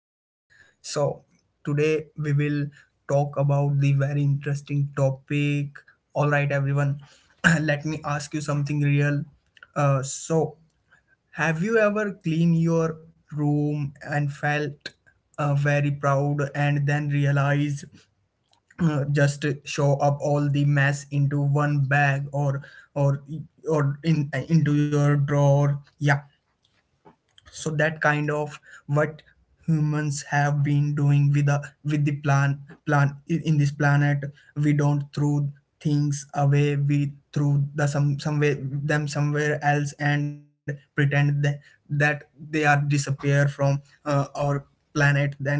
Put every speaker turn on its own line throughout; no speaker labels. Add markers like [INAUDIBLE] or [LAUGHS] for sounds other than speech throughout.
well. So, today we will talk about the very interesting topic. All right, everyone, [CLEARS THROAT] let me ask you something real. Uh, so, have you ever cleaned your room and felt very proud and then realize just show up all the mess into one bag or or in into your drawer, yeah? So that kind of what humans have been doing with the plan in this planet. We don't throw things away, we throw the some way them somewhere else and pretend that they are disappear from our planet. Then,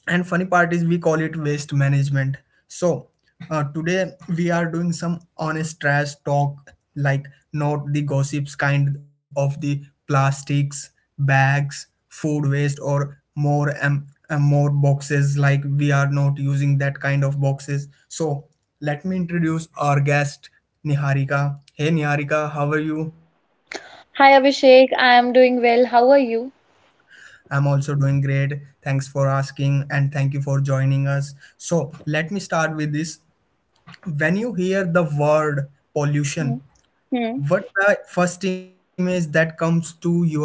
and funny part is we call it waste management. So today we are doing some honest trash talk, like not the gossips, kind of the plastics bags, food waste, or more and more boxes, like we are not using that kind of boxes. So let me introduce our guest, Niharika. Hey Niharika, how are you?
Hi Abhishek, I am doing well. How are you?
I'm also doing great, thanks for asking, and thank you for joining us. So let me start with this. When you hear the word pollution,
Hmm. Hmm.
what the first image that comes to your mind?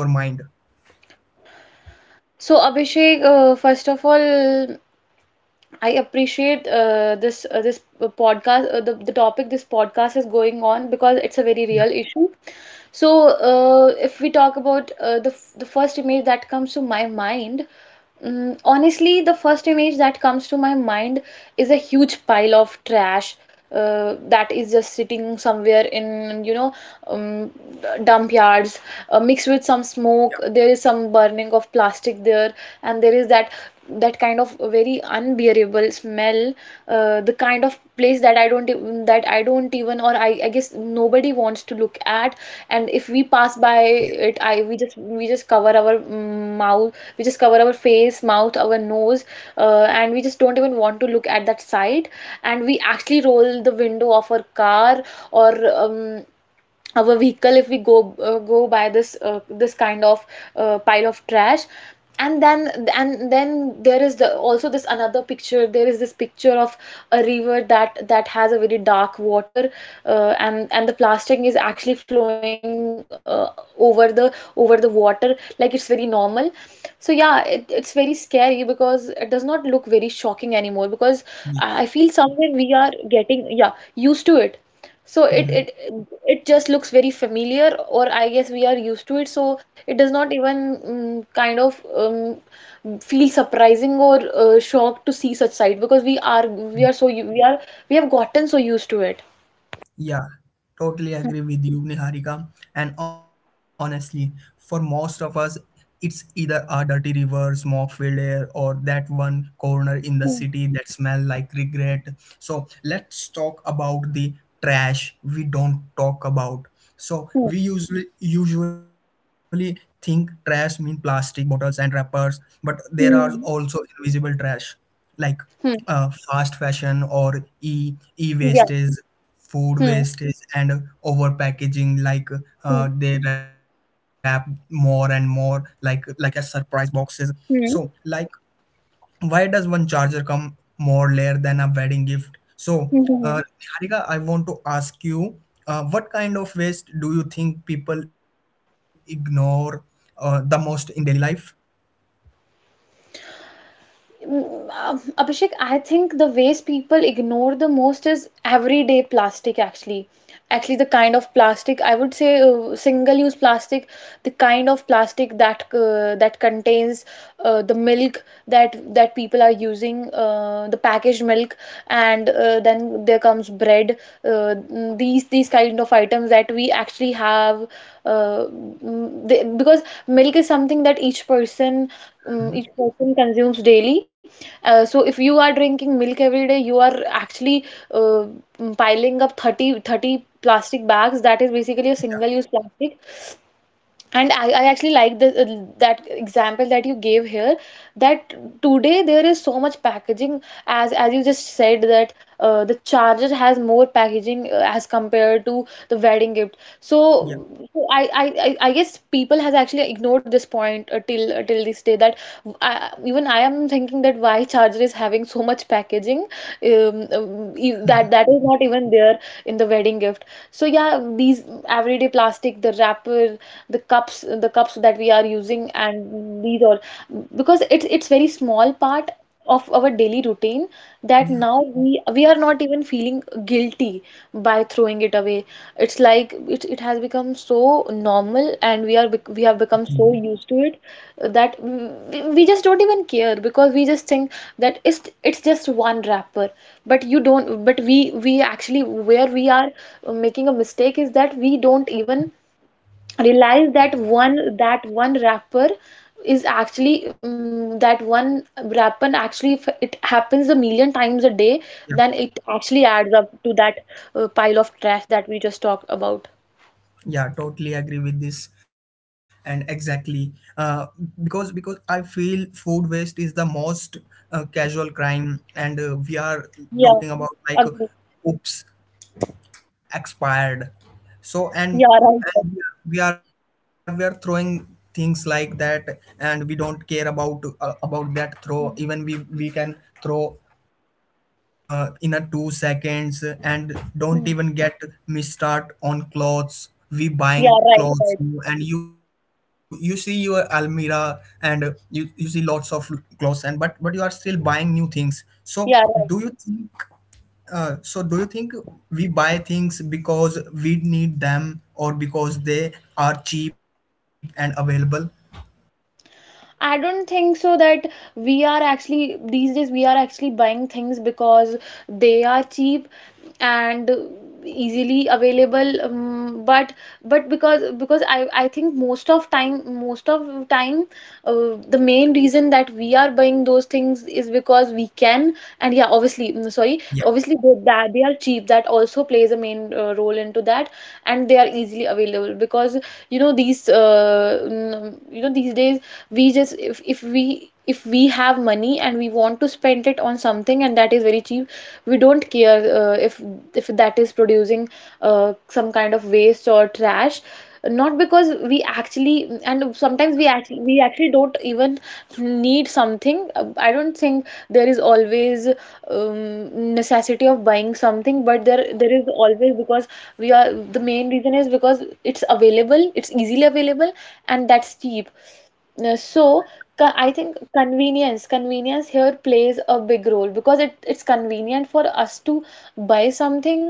So Abhishek, first of all, I appreciate this this podcast, the topic this podcast is going on, because it's a very real issue. So if we talk about the first image that comes to my mind, honestly, the first image that comes to my mind is a huge pile of trash, that is just sitting somewhere in, um, dump yards, mixed with some smoke.
Yeah,
There is some burning of plastic there, and there is that kind of very unbearable smell, the kind of place that I don't ev- that I don't even, or I guess, nobody wants to look at. And if we pass by
yeah,
it, I we just cover our mouth, we just cover our face, mouth, our nose, and we just don't even want to look at that sight, and we actually roll the window of our car or our vehicle if we go by this kind of pile of trash. And then there is the also this another picture, there is this picture of a river that has a very dark water, and the plastic is actually flowing over the water, like it's very normal. So yeah, it's very scary because it does not look very shocking anymore, because I
yeah.
feel somewhere we are getting, yeah, used to it. so it it
Mhm.
it just looks very familiar, or I guess we are used to it. So it does not even kind of feel surprising or shocked to see such sight, because we are so we have gotten so used to it.
Yeah, totally agree with you, Niharika. And honestly, for most of us, it's either a dirty river, smoke filled air, or that one corner in the
Hmm.
city that smells like regret. So let's talk about the trash we don't talk about. So
Hmm.
we usually think trash mean plastic bottles and wrappers, but there are
Hmm.
also invisible trash. Like
Hmm. Hmm.
fast fashion or e
Yeah.
wastage, food
Hmm.
wastage, and over packaging. Like
Hmm.
they wrap more and more, like a surprise boxes. So
Hmm.
like, why does one charger come more layer than a wedding gift? So,
Hmm.
uh,
Hmm.
Niharika, I want to ask you, what kind of waste do you think people ignore the most in daily life? Yeah.
Abhishek, I think the waste people ignore the most is everyday plastic actually. Actually, the kind of plastic I would say single-use plastic, the kind of plastic that contains the milk that people are using, the packaged milk, and then there comes bread. Uh, these kind of items that we actually have, because milk is something that each person um,
Mhm.
each person consumes daily. So if you are drinking milk every day, you are actually uh, piling up 30 30 plastic bags. That is basically a single use plastic, and I actually like the that example that you gave here, that today there is so much packaging, as you just said, that the charger has more packaging as compared to the wedding gift.
Yeah.
So, I guess people has actually ignored this point till this day, that even I am thinking that why charger is having so much packaging, that
[LAUGHS]
is not even there in the wedding gift. So yeah, these everyday plastic, the wrapper, the cups that we are using, and these all, because it's very small part of our daily routine, that
Yeah.
now we are not even feeling guilty by throwing it away. It's like it has become so normal, and we have become so used to it, that we just don't even care, because we just think that it's just one wrapper. But you don't but we we actually, where we are making a mistake, is that we don't even realize that one wrapper is actually, that one wrapper actually, if it happens a million times a day,
Yeah.
then it actually adds up to that pile of trash that we just talked about.
Yeah, totally agree with this. And exactly, because I feel food waste is the most casual crime. And we are
Yeah,
talking about like
agree.
oops, expired. So and,
Yeah, right, right.
and we are throwing things like that, and we don't care about that throw. Even
Mm,
we can throw in a 2 seconds and don't
mm.
even get me start on clothes. We
Yeah,
buying
right,
clothes,
right.
and you see your almira, and you see lots of clothes, and but you are still buying new things. So
Yeah,
do
right.
you think, uh, so do you think we buy things because we need them or because they are cheap and available?
I don't think so that we are actually, these days we are actually buying things because they are cheap and easily available, but because I think most of time, the main reason that we are buying those things is because we can. And yeah, obviously, sorry,
Yeah,
obviously that they are cheap, that also plays a main role into that. And they are easily available, because these n- you know these days, we just if we have money and we want to spend it on something and that is very cheap, we don't care if that is producing some kind of waste or trash. Not because we actually, and sometimes we actually don't even need something. I don't think there is always necessity of buying something, but there is always, because we are the main reason is because it's available, it's easily available, and that's cheap. So, I think convenience, here plays a big role because it's convenient for us to buy something.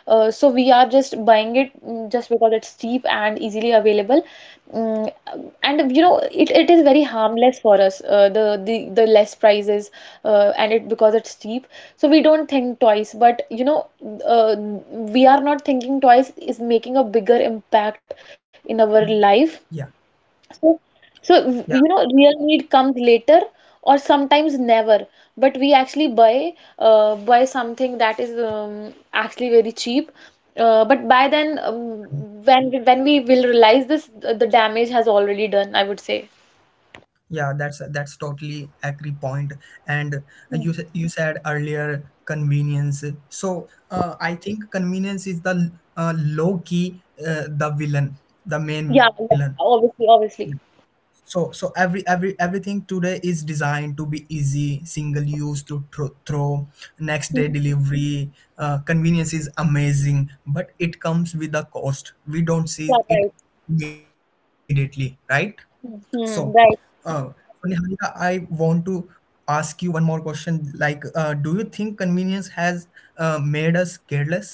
So we are just buying it, just because it's cheap and easily available. Mm, and
yeah,
it is very harmless for us. The less prices, and it because it's cheap, so we don't think twice. But you know, uh, we are not thinking twice is making a bigger impact in our
yeah,
life, so, so
yeah.
you know, real need comes later, or sometimes never. But we actually buy something that is actually very cheap. But by then, when we will realize this, the damage has already done, I would say.
Yeah, that's totally agree point. And
Hmm.
you said earlier convenience. So I think convenience is the low key, the villain, the main
Yeah,
villain.
yeah, obviously, obviously.
So every everything today is designed to be easy, single use, to throw next day
Hmm.
delivery. Convenience is amazing, but it comes with a cost. We don't
Yeah,
see it
right.
immediately, right? So,
Hmm. Hmm,
uh,
right.
so Niharika, I want to ask you one more question. Like, do you think convenience has made us careless?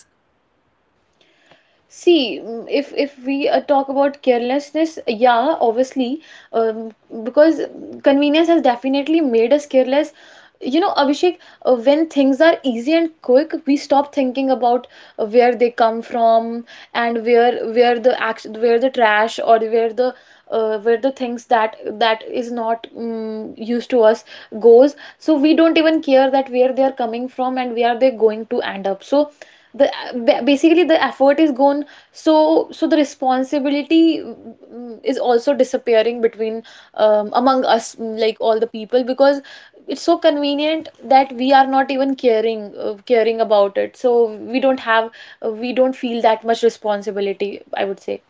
See, if we talk about carelessness, yeah, obviously, um, because convenience has definitely made us careless. You know, Abhishek, when things are easy and quick, we stop thinking about where they come from, and where the action, where the trash, or where the things that is not used to us, goes. So we don't even care that where they are coming from and where they're going to end up. So the basically the effort is gone, so the responsibility, is also disappearing, between among us, like all the people, because it's so convenient that we are not even caring about it, so we don't feel that much responsibility, I would say.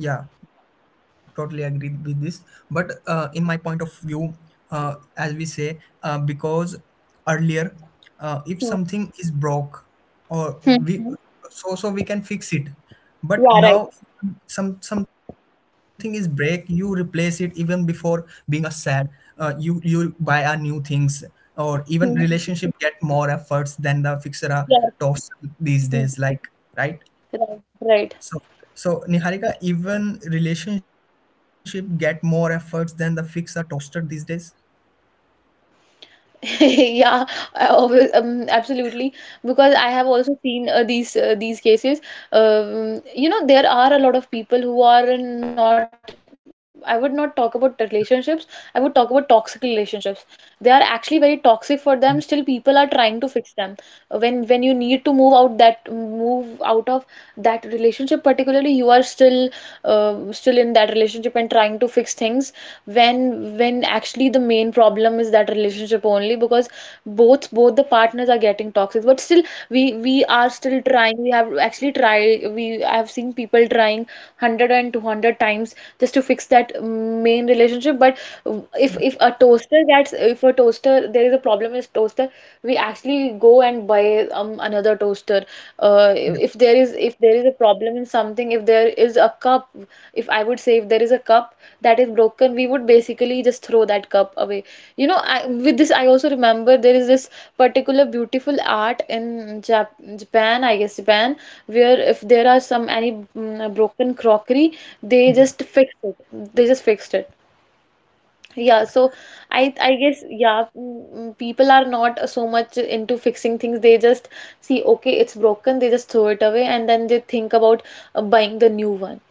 Yeah, totally agree with this. But in my point of view, as we say, because earlier, if
Hmm.
something is broke, or
Hmm.
we, so we can fix it.
Yeah,
But now,
right.
something is break, you replace it even before being a sad. You buy a new things, or even
Hmm.
relationship get more efforts than the fixer a
Yeah.
toss these
Hmm.
days. Like, right?
Right, right.
So, so, Niharika, even relationship get more efforts than the fixer toaster these days.
[LAUGHS] Yeah, absolutely. Because I have also seen these cases. You know, there are a lot of people who are in not. I would not talk about the relationships. I would talk about toxic relationships. They are actually very toxic for them. Still, people are trying to fix them. When you need to move out, that move out of that relationship, particularly, you are uh, still in that relationship and trying to fix things, when actually the main problem is that relationship only, because both the partners are getting toxic, but still we are still trying, we have actually tried, we I have seen people trying one hundred and two hundred times just to fix that main relationship. But if a toaster gets if a toaster, there is a problem is toaster, we actually go and buy another toaster,
Yeah,
if there is a problem in something, if there is a cup, if I would say, if there is a cup that is broken, we would basically just throw that cup away. You know, with this I also remember there is this particular beautiful art in Japan, I guess Japan, where if there are some any broken crockery, they
yeah,
just fix it, they just fixed it. Yeah,
correct.
so I guess, yeah, people are not so much into fixing things. They just see, okay, it's broken, they just throw it away, and then they think about buying the new one.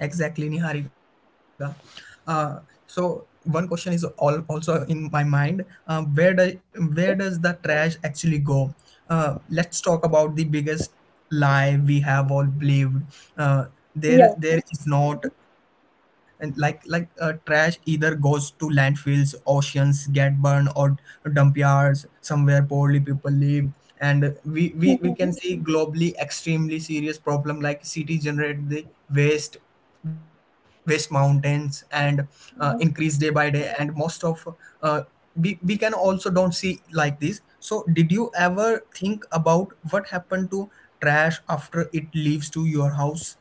Exactly, Niharika. Uh, One question is all also in my mind. Um, where does where does the trash actually go? Let's talk about the biggest lie we have all believed. Uh,
Yeah.
there is not, and like trash either goes to landfills, oceans get burned, or dump yards somewhere poorly people live. And we
Mhm.
can see globally extremely serious problem, like cities generate the waste West Mountains and increase day by day. And most of, uh, we can also don't see like this. So did you ever think about what happened to trash after it leaves to your house?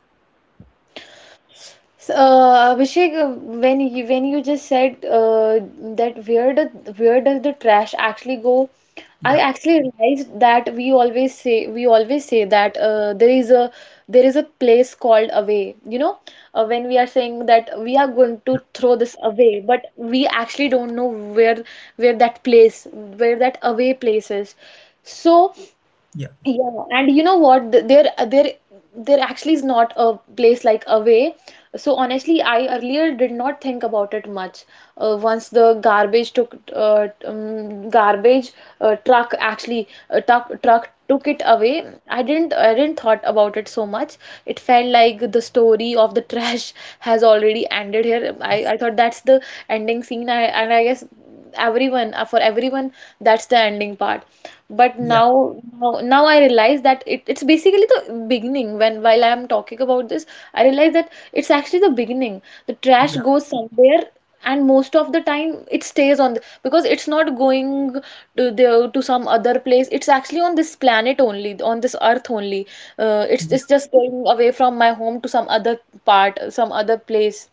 So, Abhishek, when you just said that where does the trash actually go? I
Yeah,
actually realized that we always say that there is a place called away. You know, when we are saying that we are going to throw this away, but we actually don't know where that away place is. So
yeah,
yeah, and you know what? There actually is not a place like Away. So honestly, I earlier did not think about it much. Once garbage truck actually truck took it away. I didn't thought about it so much. It felt like the story of the trash [LAUGHS] has already ended here. I thought that's the ending scene. And I guess for everyone, that's the ending part. But
yeah,
now I realize that it's basically the beginning. When while I'm talking about this, I realize that it's actually the beginning. The trash
yeah,
goes somewhere, and most of the time it stays because it's not going to some other place. It's actually on this planet only, on this earth only. It's
yeah.
just going away from my home to some other part, some other place.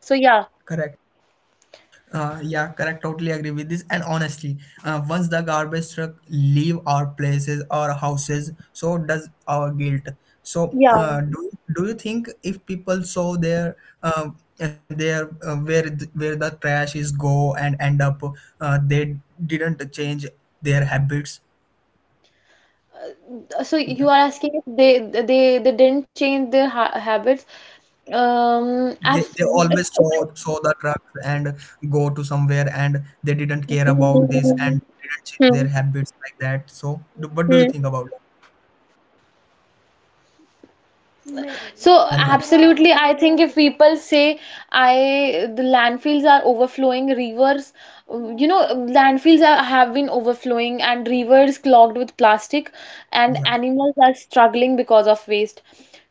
So yeah,
Correct. Yeah, correct. Totally agree with this. And honestly, once the garbage truck leave our places, our houses, so does our guilt. So,
yeah.
do you think if people saw their uh, where the trash is go and end up, they didn't change their habits?
So you are
Yeah,
asking if they didn't change their ha habits.
they
Abs
always saw
if I,
saw the trucks and go to somewhere, and they didn't care about this
Hmm,
and didn't change
hmm,
their habits like that. So, what do you
hmm.
think about?
So
Yeah, Nihari.
absolutely, I think if people say I the landfills are overflowing, rivers, you know, landfills have been overflowing and rivers clogged with plastic, and
Yeah,
animals are struggling because of waste.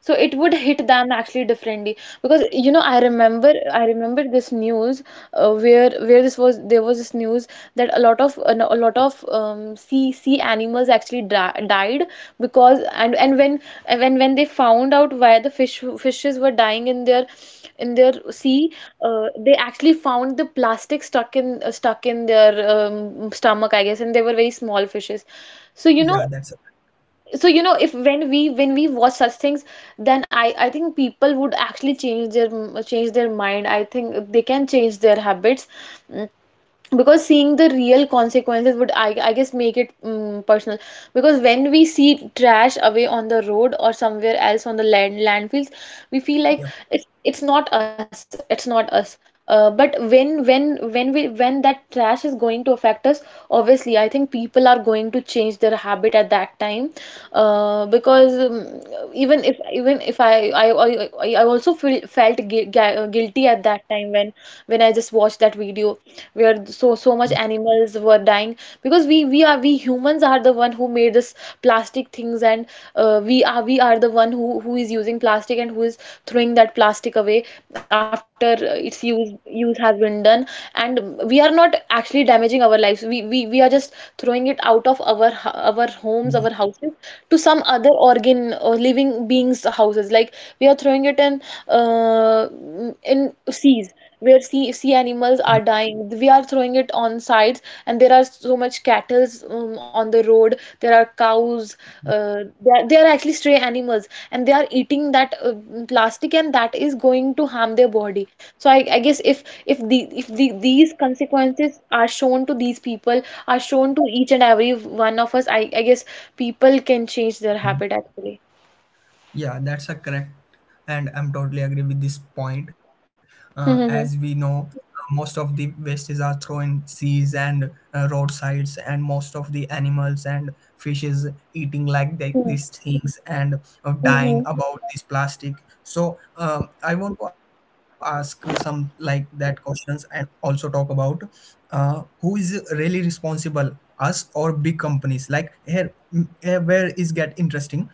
So it would hit them actually differently, because I remember this news, where this was there was this news that a lot of sea animals actually died, because and when they found out why the fishes were dying in their sea, they actually found the plastic stuck in their stomach, I guess, and they were very small fishes, so you
yeah,
know
that's it.
so if when we watch such things, then I think people would actually change their mind. I think they can change their habits Mm because seeing the real consequences would, I guess, make it personal. Because when we see trash away on the road or somewhere else on the landfills, we feel like
Yeah,
it's not us, but when that trash is going to affect us, obviously I think people are going to change their habit at that time, because even if I also felt guilty at that time when I just watched that video where so much animals were dying, because we humans are the one who made this plastic things. And we are the one who is using plastic and who is throwing that plastic away after its use has been done. And we are not actually damaging our lives, we are just throwing it out of our our homes,
yeah,
our houses, to some other organ or living beings houses. Like, we are throwing it in, uh, in seas where sea
yeah,
animals are dying. We are throwing it on sides, and there are so much cattles on the road. There are cows. They are actually stray animals, and they are eating that plastic, and that is going to harm their body. So I guess if these consequences are shown to these people, are shown to each and every one of us, I guess people can change their
yeah.
habit actually.
Yeah, that's a correct, and I'm totally agree with this point. As we
Mm-hmm.
know, most of the wastes are thrown in seas and roadsides, and most of the animals and fishes eating like these things, and dying
Mm-hmm.
about this plastic. So, I want to ask you some like that questions, and also talk about who is really responsible, us or big companies? Like here, here where is get interesting.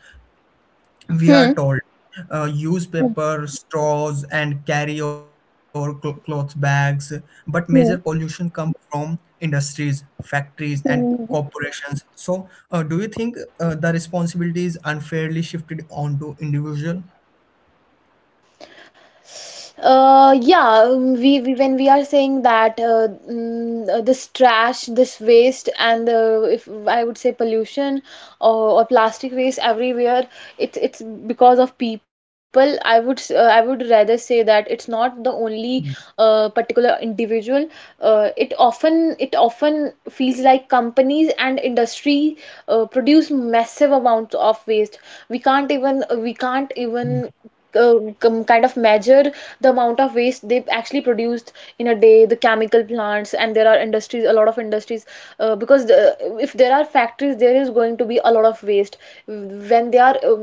We are
Hmm.
told use paper straws and carry your cloth bags, but major pollution
Hmm.
come from industries, factories, and
Hmm.
corporations. So do you think the responsibility is unfairly shifted onto individual?
Yeah, we when we are saying that this trash, this waste, and the if I would say pollution, or plastic waste everywhere, it's because of people. I would rather say that it's not the only particular individual. It often feels like companies and industry produce massive amounts of waste. we can't even we can't
Yeah,
even uh, com- kind of measure the amount of waste they actually produced in a day. The chemical plants, and there are industries, a lot of industries, uh, because the, if there are factories there is going to be a lot of waste when they are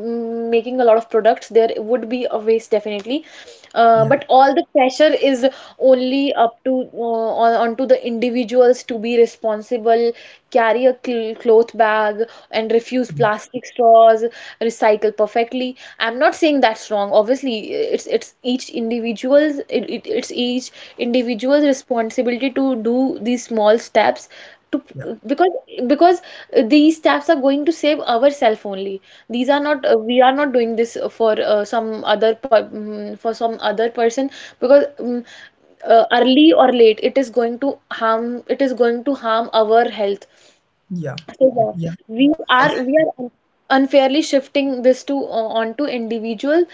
making a lot of products. There would be a waste definitely.
yeah,
But all the pressure is only up to on onto the individuals to be responsible, carry a cl cloth bag, and refuse plastic straws, recycle perfectly. I'm not saying that's wrong. Obviously it's each individual's responsibility to do these small steps, to
yeah,
because because these steps are going to save ourselves only. These are not We are not doing this for some other per, mm, for some other person, because early or late it is going to harm our health.
yeah,
So yeah,
yeah,
we are we
exactly,
are un- unfairly shifting this to onto individual.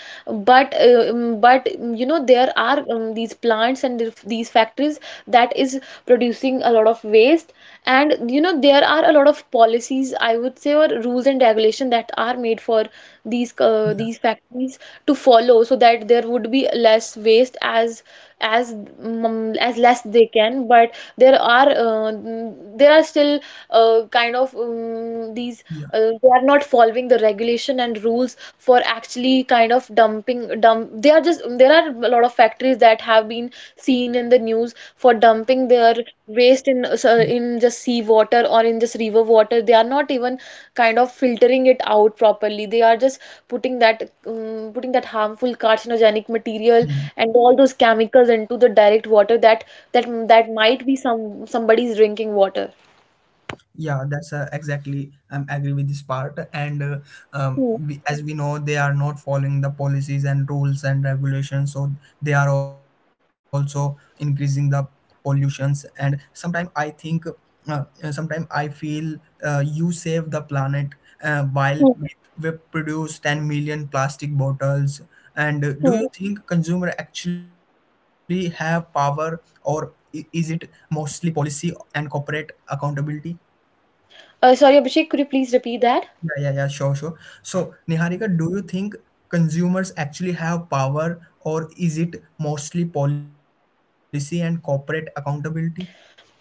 But you know, there are these plants and these factories that is producing a lot of waste. And there are a lot of policies, I would say, or rules and regulation that are made for these uh,
yeah,
these factories to follow, so that there would be less waste as less they can. But there are still, kind of these
yeah.
they are not following the regulation and rules, for actually kind of dumping dump they are just There are a lot of factories that have been seen in the news for
Mm,
dumping their waste in just sea water, or in just river water. They are not even kind of filtering it out properly. They are just putting that harmful carcinogenic material,
mm.
and all those chemicals into the direct water, that that might be somebody's drinking water.
Yeah, that's exactly. I'm agree with this part. And
Hmm,
we, as we know, they are not following the policies and rules and regulations, so they are also increasing the pollutions. And uh, sometimes I feel, you save the planet
hmm,
while we produce 10 million plastic bottles. And
hmm.
do you think consumer actually have power, or is it mostly policy and corporate accountability?
Sorry, Abhishek, could you please repeat that?
Yeah, yeah, yeah, sure, sure. So, Niharika, do you think consumers actually have power, or is it mostly policy and corporate accountability?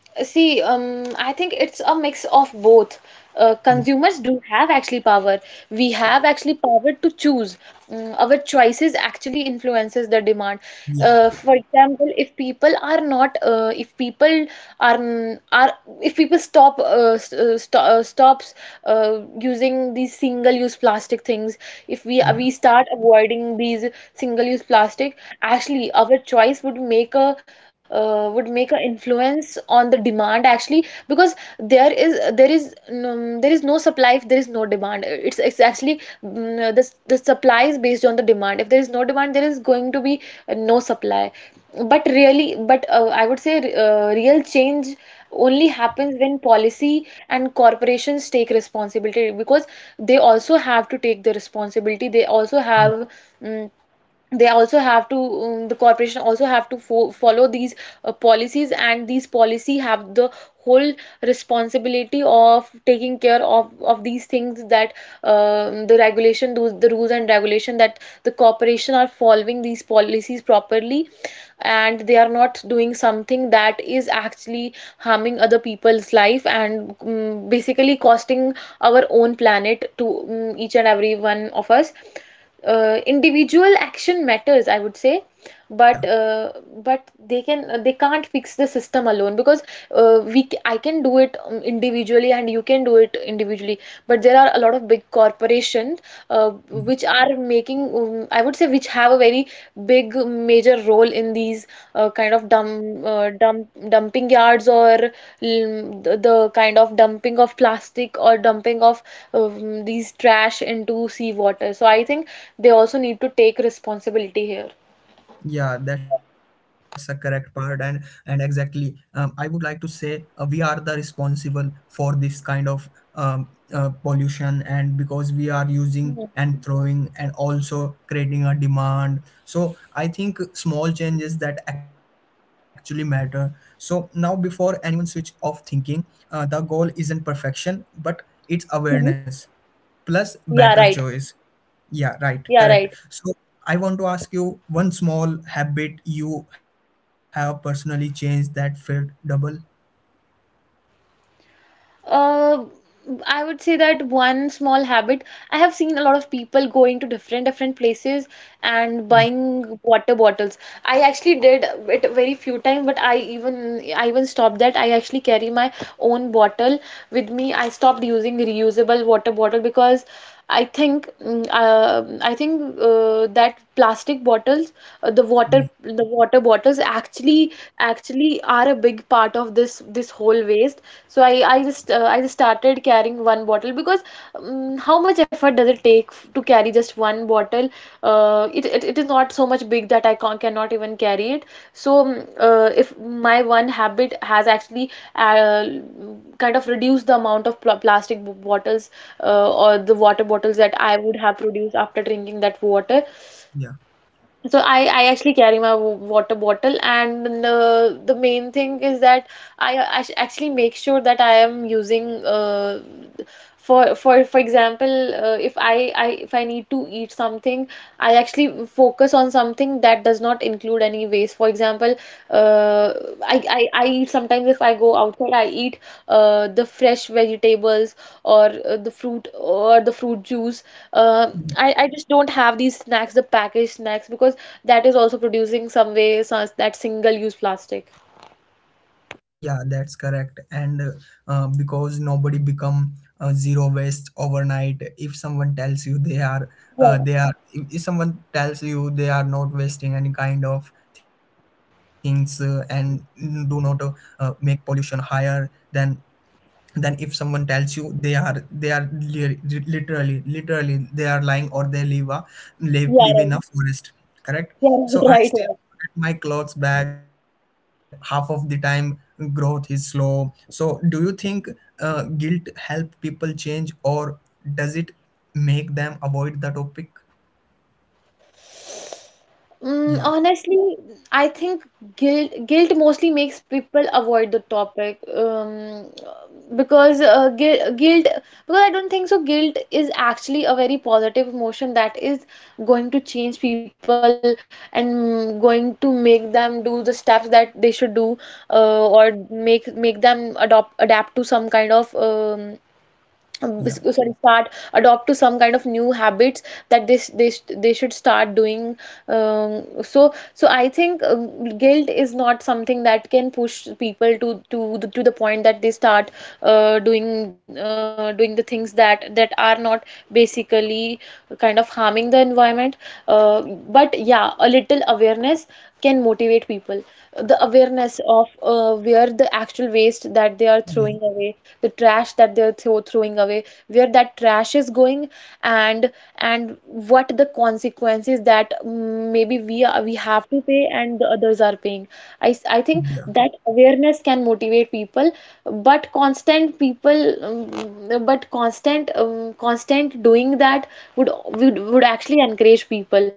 See, I think it's a mix of both.
Yeah,
Consumers do have actually power. We have actually power to choose. Our choices actually influences the demand.
yeah,
For example, are um, our if people stops using these single use plastic things. If we
yeah,
we start avoiding these single use plastic, actually our choice would make a would make an influence on the demand. Actually, because there is no supply if there is no demand. It's actually, the supply is based on the demand. If there is no demand, there is going to be no supply. But I would say, real change only happens when policy and corporations take responsibility, because they also have to take the responsibility. They also have, mm they also have to, the corporation also have to follow these policies, and these policy have the whole responsibility of taking care of these things, that the regulation, those the rules and regulation that the corporation are following these policies properly, and they are not doing something that is actually harming other people's life, and basically costing our own planet to, each and every one of us. Individual action matters, I would say, but
yeah,
uh, but they can they can't fix the system alone, because I can do it individually, and you can do it individually. But there are a lot of big corporations
yeah.
which are making, I would say, which have a very big major role in these kind of dumping yards, or the kind of dumping of plastic, or dumping of these trash into sea water. So I think they also need to take responsibility here.
Yeah, that's a correct part, and exactly. I would like to say we are the responsible for this kind of um, pollution, and because we
Mhm.
are using and throwing, and also creating a demand. So I think small changes that actually matter. So now, before anyone switch off thinking, the goal isn't perfection, but it's
Mhm.
awareness plus
Yeah, right.
better choice. Yeah,
Yeah,
right.
right.
Correct. So I want to ask you one small habit you have personally changed that felt double.
Uh, I would say that one small habit, I have seen a lot of people going to different different places and buying water bottles. I actually did it very few times, but I even stopped that. I actually carry my own bottle with me. I stopped using reusable water bottle because I think, I think that plastic bottles, the water
Ye-
the water bottles actually are a big part of this whole waste. So I just started carrying one bottle, because how much effort does it take to carry just one bottle? It is not so much big that I cannot even carry it. So if my one habit has actually uh, kind of reduced the amount of plastic bottles, or the water bottles that I would have produced after drinking that water.
Yeah.
So I actually carry my water bottle, and the main thing is that I actually make sure that I am using, for for example, if I need to eat something, I actually focus on something that does not include any waste. For example, uh, I eat sometimes if I go outside, I eat the fresh vegetables or the fruit or the fruit juice. I just don't have these snacks, the packaged snacks because that is also producing that single-use plastic.
Yeah, that's correct. And because nobody become zero waste overnight. If someone tells you they are,
Yeah,
they are. If someone tells you they are not wasting any kind of things and do not make pollution higher, then if someone tells you literally they are lying, or they live,
yeah,
live
right,
in a forest. Correct.
yeah,
So
[LAUGHS]
I
right, right,
still
right.
forget my clothes bag, and half of the time growth is slow. So do you think guilt help people change, or does it make them avoid the topic?
Mm,
Yeah,
honestly, I think guilt mostly makes people avoid the topic, because guilt, guilt because I don't think so. Guilt is actually a very positive emotion that is going to change people and going to make them do the steps that they should do, or make them adopt adapt to some kind of
yeah,
s- sorry start adopt to some kind of new habits that they should start doing. So I think, guilt is not something that can push people to the point that they start doing the things that that are not basically kind of harming the environment. uh, but yeah, a little awareness can motivate people, the awareness of where the actual waste that they are
yeah,
throwing away, the trash that throwing away, where that trash is going, and and what the consequences that, maybe we have to pay and the others are paying. i
yeah,
s- i think that awareness can motivate people, but constant people but constant, doing that would would actually encourage people.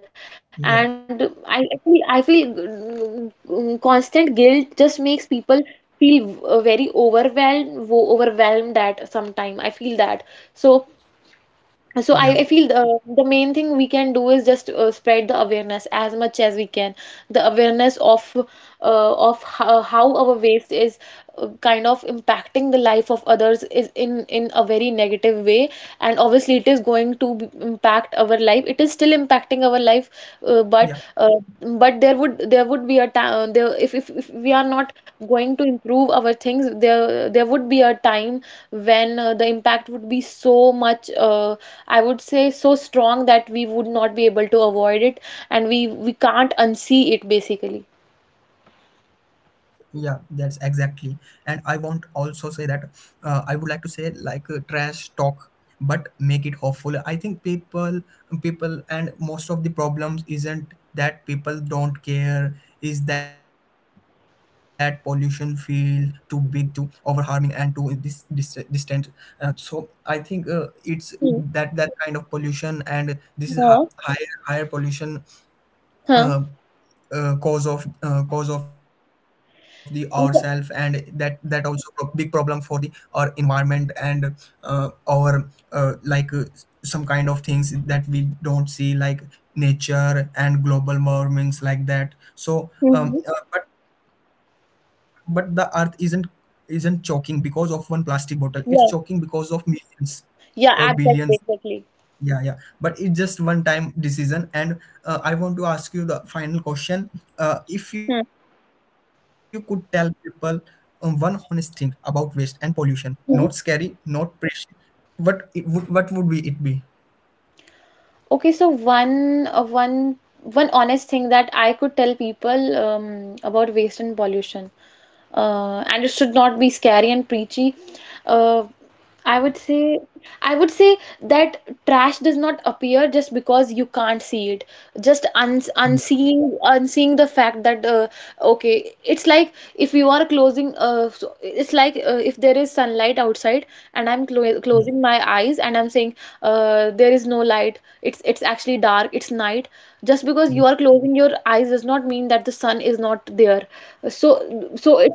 And
yeah,
I feel, constant guilt just makes people feel very overwhelmed, overwhelmed at some time, I feel that. So so I,
yeah,
I feel the main thing we can do is just spread the awareness as much as we can. The awareness of how our waste is kind of impacting the life of others is in a very negative way, and obviously it is going to impact our life. It is still impacting our life, uh, but
yeah.
uh, but there would be a time there, if we are not going to improve our things, there would be a time when, the impact would be so much, I would say, so strong that we would not be able to avoid it, and we can't unsee it basically.
Yeah, that's exactly. And I want also say that I would like to say like trash talk, but make it hopeful. I think people, and most of the problems isn't that people don't care. Is that pollution field too big, too over harming, and too distant? So I think it's
Hmm.
that kind of pollution, and this is
No.
higher pollution,
Huh?
uh, cause of, cause of the ourself, and that
Yeah.
that also big problem for the our environment. And our like some kind of things that we don't see, like nature and global warmings like that. So
Hmm.
but the earth isn't choking because of one plastic bottle, it's choking because
Yeah.
of millions or
Yeah,
billions.
exactly, exactly.
Yeah, yeah. But it's just one time decision. And I want to ask you the final question. If you
Hmm.
could tell people, one honest thing about waste and pollution, not scary,
Hmm.
not precious, what would be it be?
Okay, so one honest thing that I could tell people, about waste and pollution, and it should
Yeah,
not be scary and preachy. Uh, I would say I would say that trash does not appear just because you can't see it, just un
yeah,
unseeing unseeing the fact that, okay, it's like if you are closing so it's like if there is sunlight outside and I'm
yeah,
closing my eyes and I'm saying, there is no light, it's actually dark, it's night. Just because
yeah,
you are closing your eyes does not mean that the sun is not there. So
yeah, correct.
so it,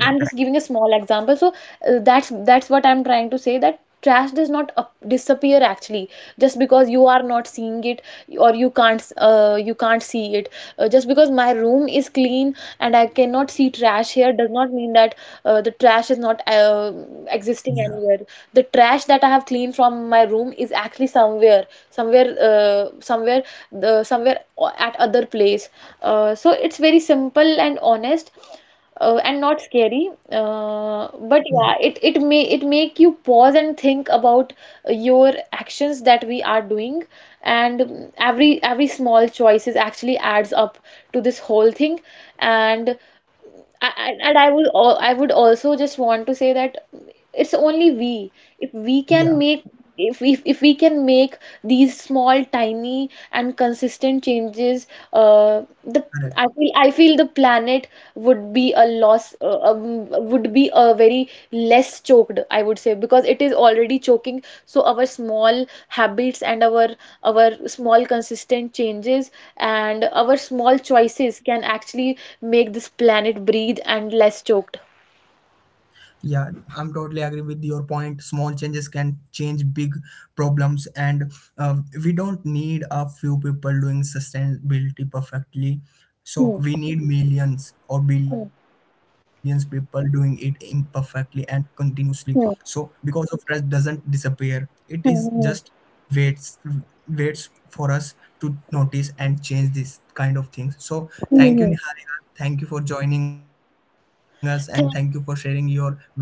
I'm just giving a small example. So that's what I'm trying to say, that trash does not disappear actually just because you are not seeing it, or you can't see it. Just because my room is clean and I cannot see trash here does not mean that the trash is not
Yeah,
existing anywhere. The trash that I have cleaned from my room is actually somewhere, somewhere somewhere the somewhere o- at other place. So it's very simple and honest, and not scary,
yeah,
but yeah, it may it make you pause and think about your actions that we are doing. And, every small choices actually adds up to this whole thing. And I would also just want to say that, it's only we, if we
yeah,
can make, if if we can make these small, tiny and consistent changes, the
correct.
I feel, the planet would be a loss would be a very less choked, I would say, because it is already choking. So our small habits and our small consistent changes and our small choices can actually make this planet breathe and less choked.
Yeah, I'm totally agree with your point. Small changes can change big problems. And uh, we don't need a few people doing sustainability perfectly. So
Hmm,
we need millions or
hmm,
billions people doing it imperfectly and continuously. So
hmm,
because of stress doesn't disappear, it
hmm,
is just
hmm,
waits waits for us to notice and change this kind of things. So
hmm,
thank you,
hmm.
Niharika. Thank you for joining us and thank you for sharing your
Th-
valuable points.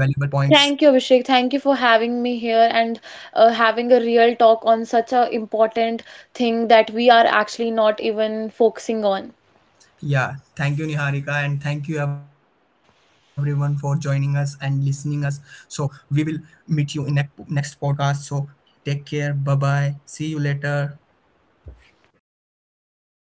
Thank you, Abhishek. Thank you for having me here, and having a real talk on such a important thing that we are actually not even focusing on.
Yeah, thank you Niharika, and thank you everyone for joining us and listening us. So we will meet you in next podcast. So take care. Bye bye. See you later.